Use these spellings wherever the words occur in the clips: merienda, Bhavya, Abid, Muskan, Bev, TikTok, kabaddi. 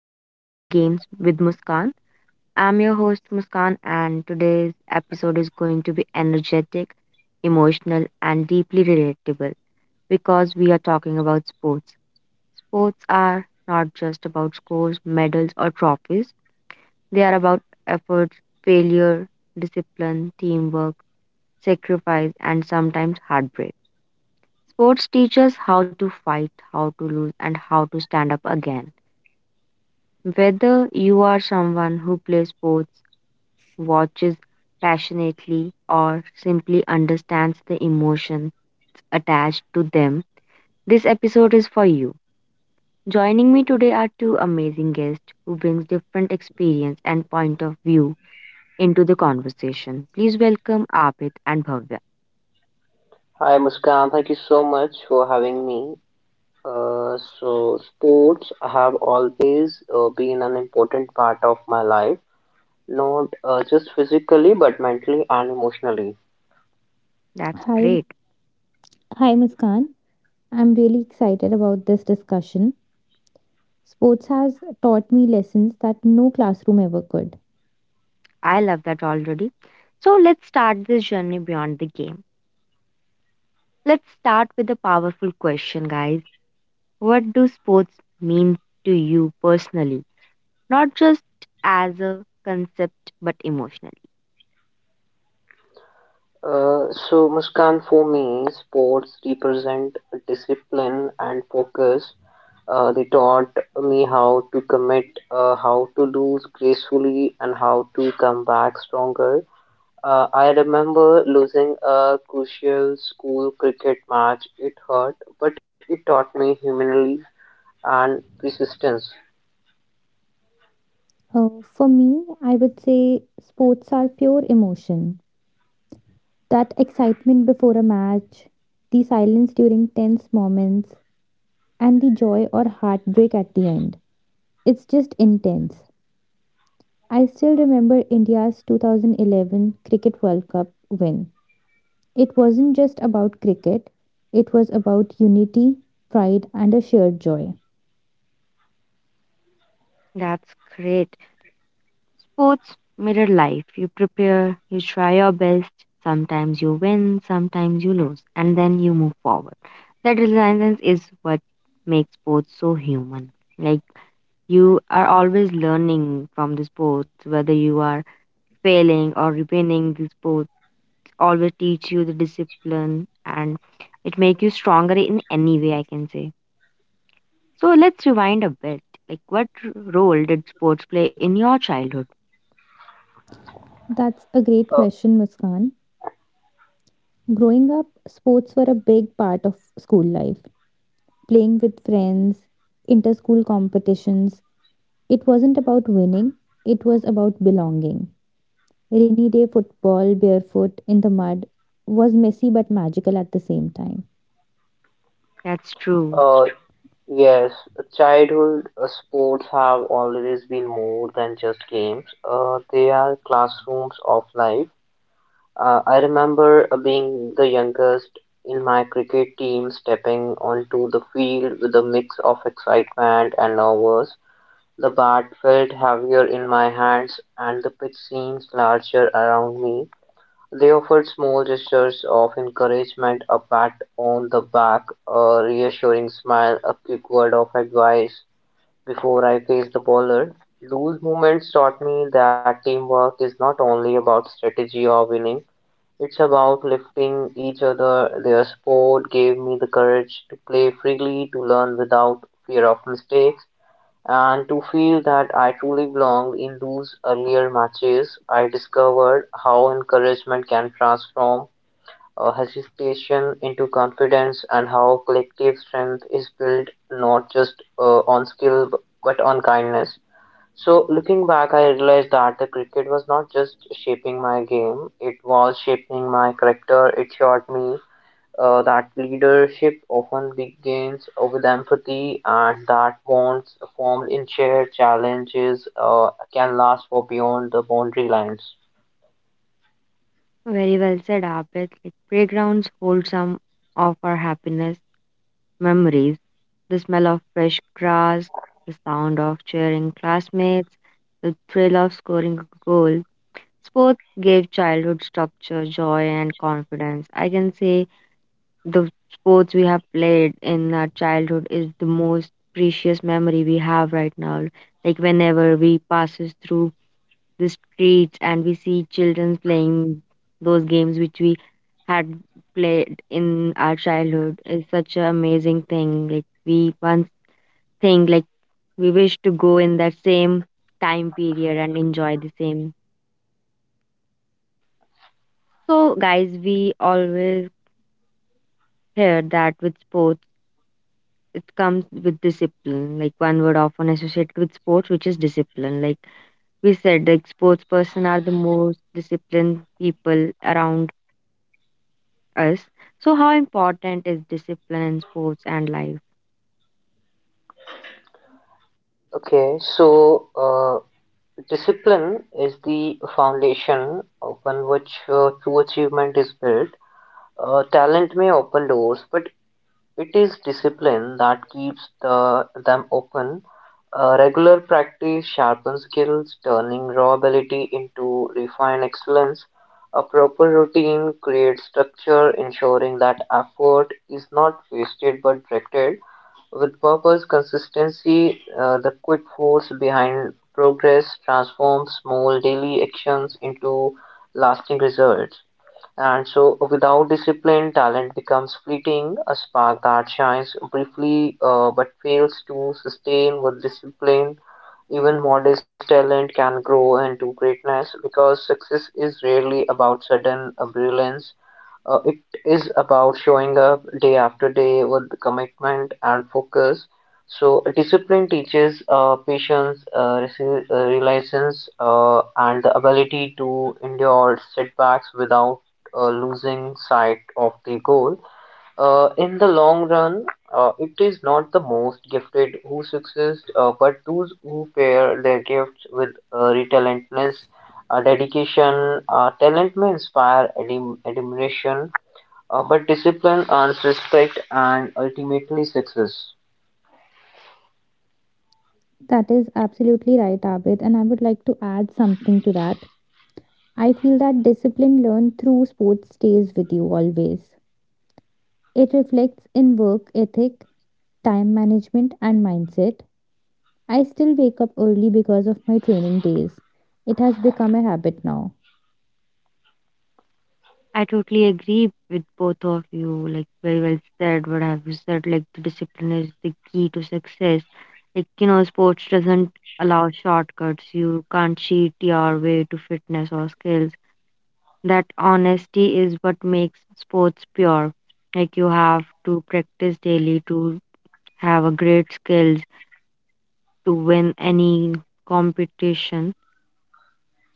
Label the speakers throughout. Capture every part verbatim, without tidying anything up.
Speaker 1: to Beyond the Games with Muskan. I'm your host, Muskan, and today's episode is going to be energetic, emotional, and deeply relatable because we are talking about sports. Sports are not just about scores, medals, or trophies, they are about effort, failure, discipline, teamwork, sacrifice, and sometimes heartbreak. Sports teach us how to fight, how to lose, and how to stand up again. Whether you are someone who plays sports, watches passionately, or simply understands the emotions attached to them, this episode is for you. Joining me today are two amazing guests who brings different experience and point of view into the conversation. Please welcome Abid and Bhavya.
Speaker 2: Hi Muskan, thank you so much for having me. Uh, so, sports have always uh, been an important part of my life, not uh, just physically but mentally and emotionally.
Speaker 1: That's
Speaker 3: Hi,
Speaker 1: great.
Speaker 3: hi Muskan. I'm really excited about this discussion. Sports has taught me lessons that no classroom ever could.
Speaker 1: I love that already. So let's start this journey beyond the game. Let's start with a powerful question, guys. What do sports mean to you personally? Not just as a concept, but emotionally.
Speaker 2: Uh, so, Muskan, for me, sports represent discipline and focus. Uh, they taught me how to commit, uh, how to lose gracefully, and how to come back stronger. Uh, I remember losing a crucial school cricket match. It hurt, but it taught me humility and persistence.
Speaker 3: Uh, for me, I would say sports are pure emotion. That excitement before a match, the silence during tense moments, and the joy or heartbreak at the end. It's just intense. I still remember India's twenty eleven Cricket World Cup win. It wasn't just about cricket, it was about unity, pride, and a shared joy.
Speaker 1: That's great. Sports mirror life. You prepare, you try your best. Sometimes you win, sometimes you lose, and then you move forward. That resilience is what makes sports so human. Like you are always learning from the sports, whether you are failing or winning the sports always teach you the discipline, and it make you stronger in any way I can say. So let's rewind a bit. Like what r- role did sports play in your childhood?
Speaker 3: That's a great
Speaker 2: Uh,
Speaker 3: question, Muskan. Growing up, sports were a big part of school life. Playing with friends, inter school competitions, it wasn't about winning, it was about belonging. Rainy day football, barefoot in the mud, was messy but magical at the same time.
Speaker 1: That's true.
Speaker 2: uh, yes, childhood uh, sports have always been more than just games. Uh, they are classrooms of life. Uh, I remember uh, being the youngest in my cricket team, stepping onto the field with a mix of excitement and nervous. The bat felt heavier in my hands, and the pitch seemed larger around me. They offered small gestures of encouragement, a pat on the back, a reassuring smile, a quick word of advice before I faced the bowler. Those moments taught me that teamwork is not only about strategy or winning, it's about lifting each other. Their sport gave me the courage to play freely, to learn without fear of mistakes and to feel that I truly belonged in those earlier matches. I discovered how encouragement can transform uh, hesitation into confidence and how collective strength is built not just uh, on skill b- but on kindness. So, looking back, I realized that the cricket was not just shaping my game, it was shaping my character. It showed me uh, that leadership often begins uh, with empathy and that bonds formed in shared challenges uh, can last for beyond the boundary lines.
Speaker 1: Very well said, Abid. Like playgrounds hold some of our happiness memories, the smell of fresh grass, the sound of cheering classmates, the thrill of scoring a goal. Sports gave childhood structure, joy, and confidence, I can say. The sports we have played in our childhood is the most precious memory we have right now. Like whenever we passes through the streets and we see children playing those games which we had played in our childhood is such an amazing thing. Like we once think like we wish to go in that same time period and enjoy the same. So guys, we always hear that with sports it comes with discipline, like one word often associated with sports, which is discipline. Like we said, like sports person are the most disciplined people around us. So how important is discipline in sports and life?
Speaker 2: Okay, so uh, discipline is the foundation upon which uh, true achievement is built. Uh, talent may open doors, but it is discipline that keeps the, them open. Uh, regular practice sharpens skills, turning raw ability into refined excellence. A proper routine creates structure, ensuring that effort is not wasted but directed with purpose, consistency, uh, the quick force behind progress transforms small daily actions into lasting results. And so, without discipline, talent becomes fleeting, a spark that shines briefly uh, but fails to sustain with discipline. Even modest talent can grow into greatness because success is rarely about sudden uh, brilliance. Uh, it is about showing up day after day with commitment and focus. So, discipline teaches uh, patience, uh, resi- uh, resilience, uh, and the ability to endure setbacks without uh, losing sight of the goal. Uh, in the long run, uh, it is not the most gifted who succeeds, uh, but those who pair their gifts with uh, relentlessness, uh, dedication. Uh, talent may inspire adim- admiration uh, but discipline earns respect and ultimately success.
Speaker 3: That is absolutely right, Abid, and I would like to add something to that. I feel that discipline learned through sports stays with you always. It reflects in work ethic, time management, and mindset. I still wake up early because of my training days. It has become a habit now.
Speaker 1: I totally agree with both of you. Like very well said. What have you said? Like the discipline is the key to success. Like you know, sports doesn't allow shortcuts. You can't cheat your way to fitness or skills, that honesty is what makes sports pure. Like you have to practice daily to have a great skills to win any competition.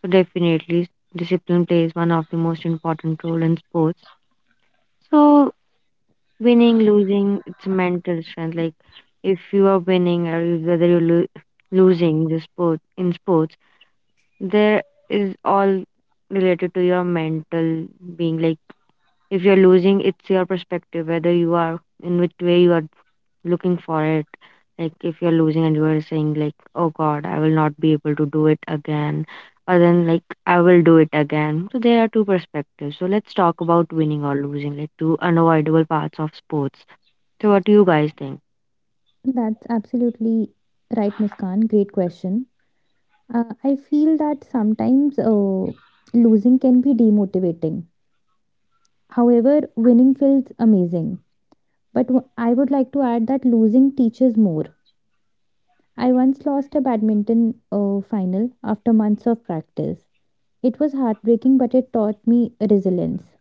Speaker 1: So definitely discipline plays one of the most important role in sports. So winning, losing, it's a mental strength. Like if you are winning or you- whether you're lo- losing the sport in sports, there is all related to your mental being. Like if you're losing, it's your perspective, whether you are in which way you are looking for it. Like if you're losing and you are saying like, "Oh God, I will not be able to do it again," or then like, "I will do it again." So there are two perspectives. So let's talk about winning or losing, like two unavoidable parts of sports. So what do you guys think?
Speaker 3: That's absolutely right, Muskan. Great question. Uh, I feel that sometimes uh, losing can be demotivating. However, winning feels amazing. But w- I would like to add that losing teaches more. I once lost a badminton uh, final after months of practice. It was heartbreaking, but it taught me resilience.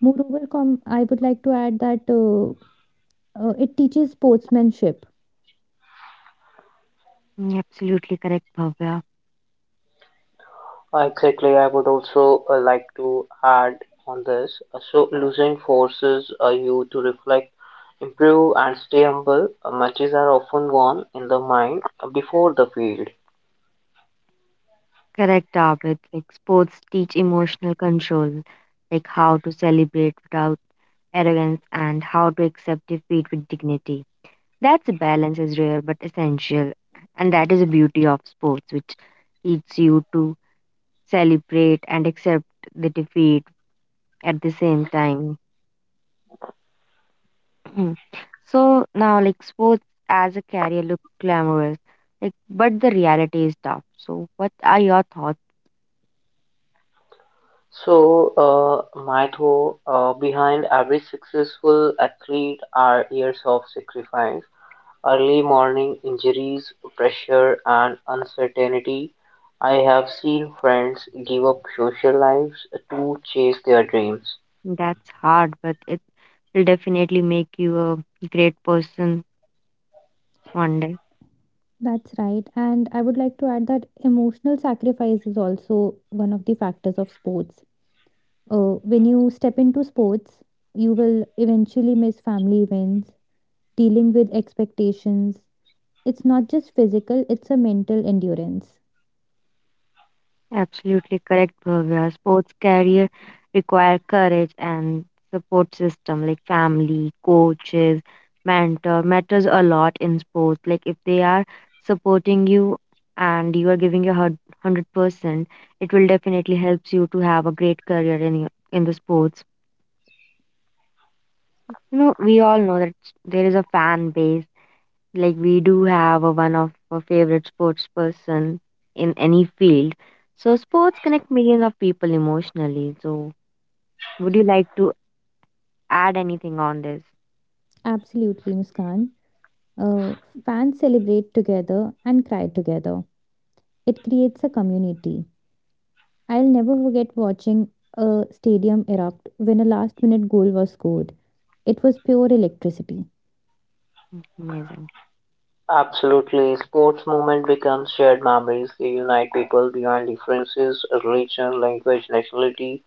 Speaker 3: Moreover, com- I would like to add that uh, uh, it teaches sportsmanship.
Speaker 1: Mm, absolutely correct, Bhavya.
Speaker 2: Exactly, I would also uh, like to add on this. Uh, so, losing forces uh, you to reflect, improve, and stay humble. Uh, matches are often won in the mind uh, before the field.
Speaker 1: Correct, Abid. Like sports teach emotional control, like how to celebrate without arrogance and how to accept defeat with dignity. That's a balance is rare but essential, and that is the beauty of sports, which teaches you to celebrate and accept the defeat at the same time. So now, like sports as a career look glamorous, like but the reality is tough. So, what are your thoughts?
Speaker 2: So, uh, my thought uh, behind every successful athlete are years of sacrifice. Early morning injuries, pressure, and uncertainty. I have seen friends give up social lives to chase their dreams.
Speaker 1: That's hard, but it will definitely make you a great person one day.
Speaker 3: That's right. And I would like to add that emotional sacrifice is also one of the factors of sports. Uh, when you step into sports, you will eventually miss family events, dealing with expectations. It's not just physical, it's a mental endurance.
Speaker 1: Absolutely correct, Bhavya. Sports career require courage and support system like family, coaches, mentor matters a lot in sports. Like if they are supporting you and you are giving your hun- one hundred percent, it will definitely helps you to have a great career in your- in the sports. You know, we all know that s- there is a fan base, like we do have a, one of our favorite sports person in any field. So sports connect millions of people emotionally, so would you like to add anything on this?
Speaker 3: Absolutely, Muskan. Uh, Fans celebrate together and cry together. It creates a community. I'll never forget watching a stadium erupt when a last minute goal was scored. It was pure electricity.
Speaker 1: Mm, amazing.
Speaker 2: Absolutely, sports movement becomes shared memories. They unite people beyond differences, religion, language, nationality.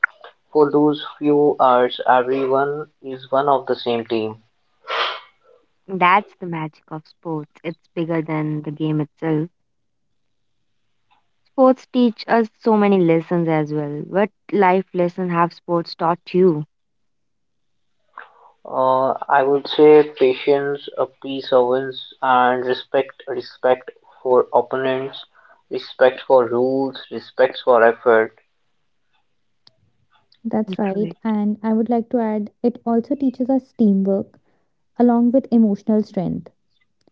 Speaker 2: For those few hours, everyone is one of the same team.
Speaker 1: That's the magic of sports. It's bigger than the game itself. Sports teach us so many lessons as well. What life lesson have sports taught you?
Speaker 2: Uh, I would say patience, uh, perseverance, and respect. Respect for opponents, respect for rules, respect for effort.
Speaker 3: That's right.
Speaker 1: Correct.
Speaker 3: And I would like to add, it also teaches us teamwork along with emotional strength.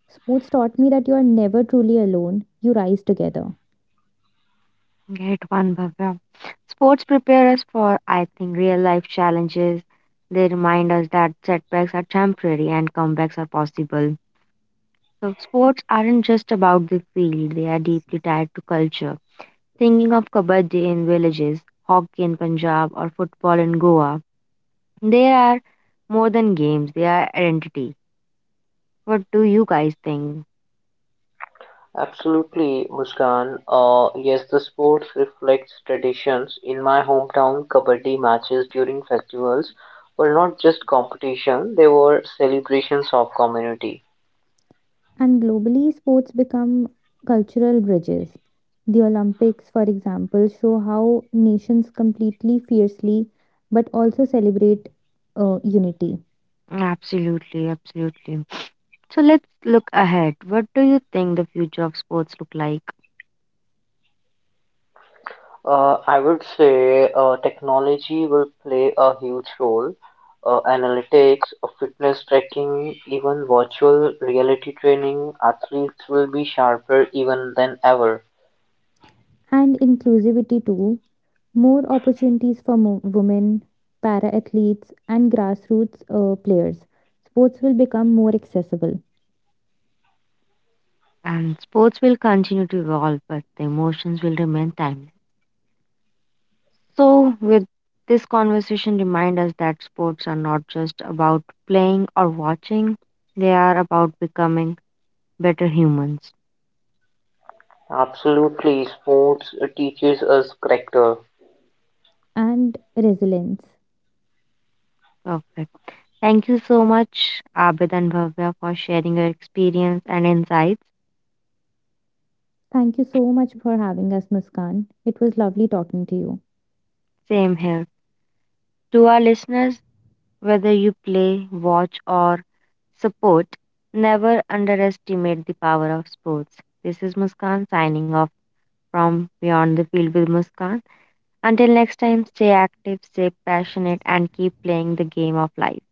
Speaker 3: Sports taught me that you are never truly alone, you rise together.
Speaker 1: Great one, Bhavya. Sports prepare us for, I think, real life challenges. They remind us that setbacks are temporary and comebacks are possible. So, sports aren't just about the field, they are deeply tied to culture. Thinking of kabaddi in villages, hockey in Punjab, or football in Goa, they are more than games, they are identity. What do you guys think?
Speaker 2: Absolutely, Muskan. Uh, yes, the sports reflects traditions. In my hometown, kabaddi matches during festivals were not just competition; they were celebrations of community.
Speaker 3: And globally, sports become cultural bridges. The Olympics, for example, show how nations completely fiercely but also celebrate uh, unity
Speaker 1: Absolutely, absolutely. So, let's look ahead. What do you think the future of sports look like?
Speaker 2: Uh, I would say uh, technology will play a huge role. Uh, analytics, uh, fitness tracking, even virtual reality training, athletes will be sharper even than ever.
Speaker 3: and inclusivity too. More opportunities for mo- women, para athletes, and grassroots uh, players. Sports will become more accessible
Speaker 1: And sports will continue to evolve, but the emotions will remain timeless. So, with this conversation, remind us that sports are not just about playing or watching, they are about becoming better humans.
Speaker 2: Absolutely, sports uh, teaches us character,
Speaker 3: and resilience.
Speaker 1: Perfect. Thank you so much, Abid and Bhavya, for sharing your experience and insights.
Speaker 3: Thank you so much for having us, Muskan. It was lovely talking to you.
Speaker 1: Same here. To our listeners, whether you play, watch, or support, never underestimate the power of sports. This is Muskan signing off, from Beyond the Field with Muskan. Until next time, stay active, stay passionate, and keep playing the game of life.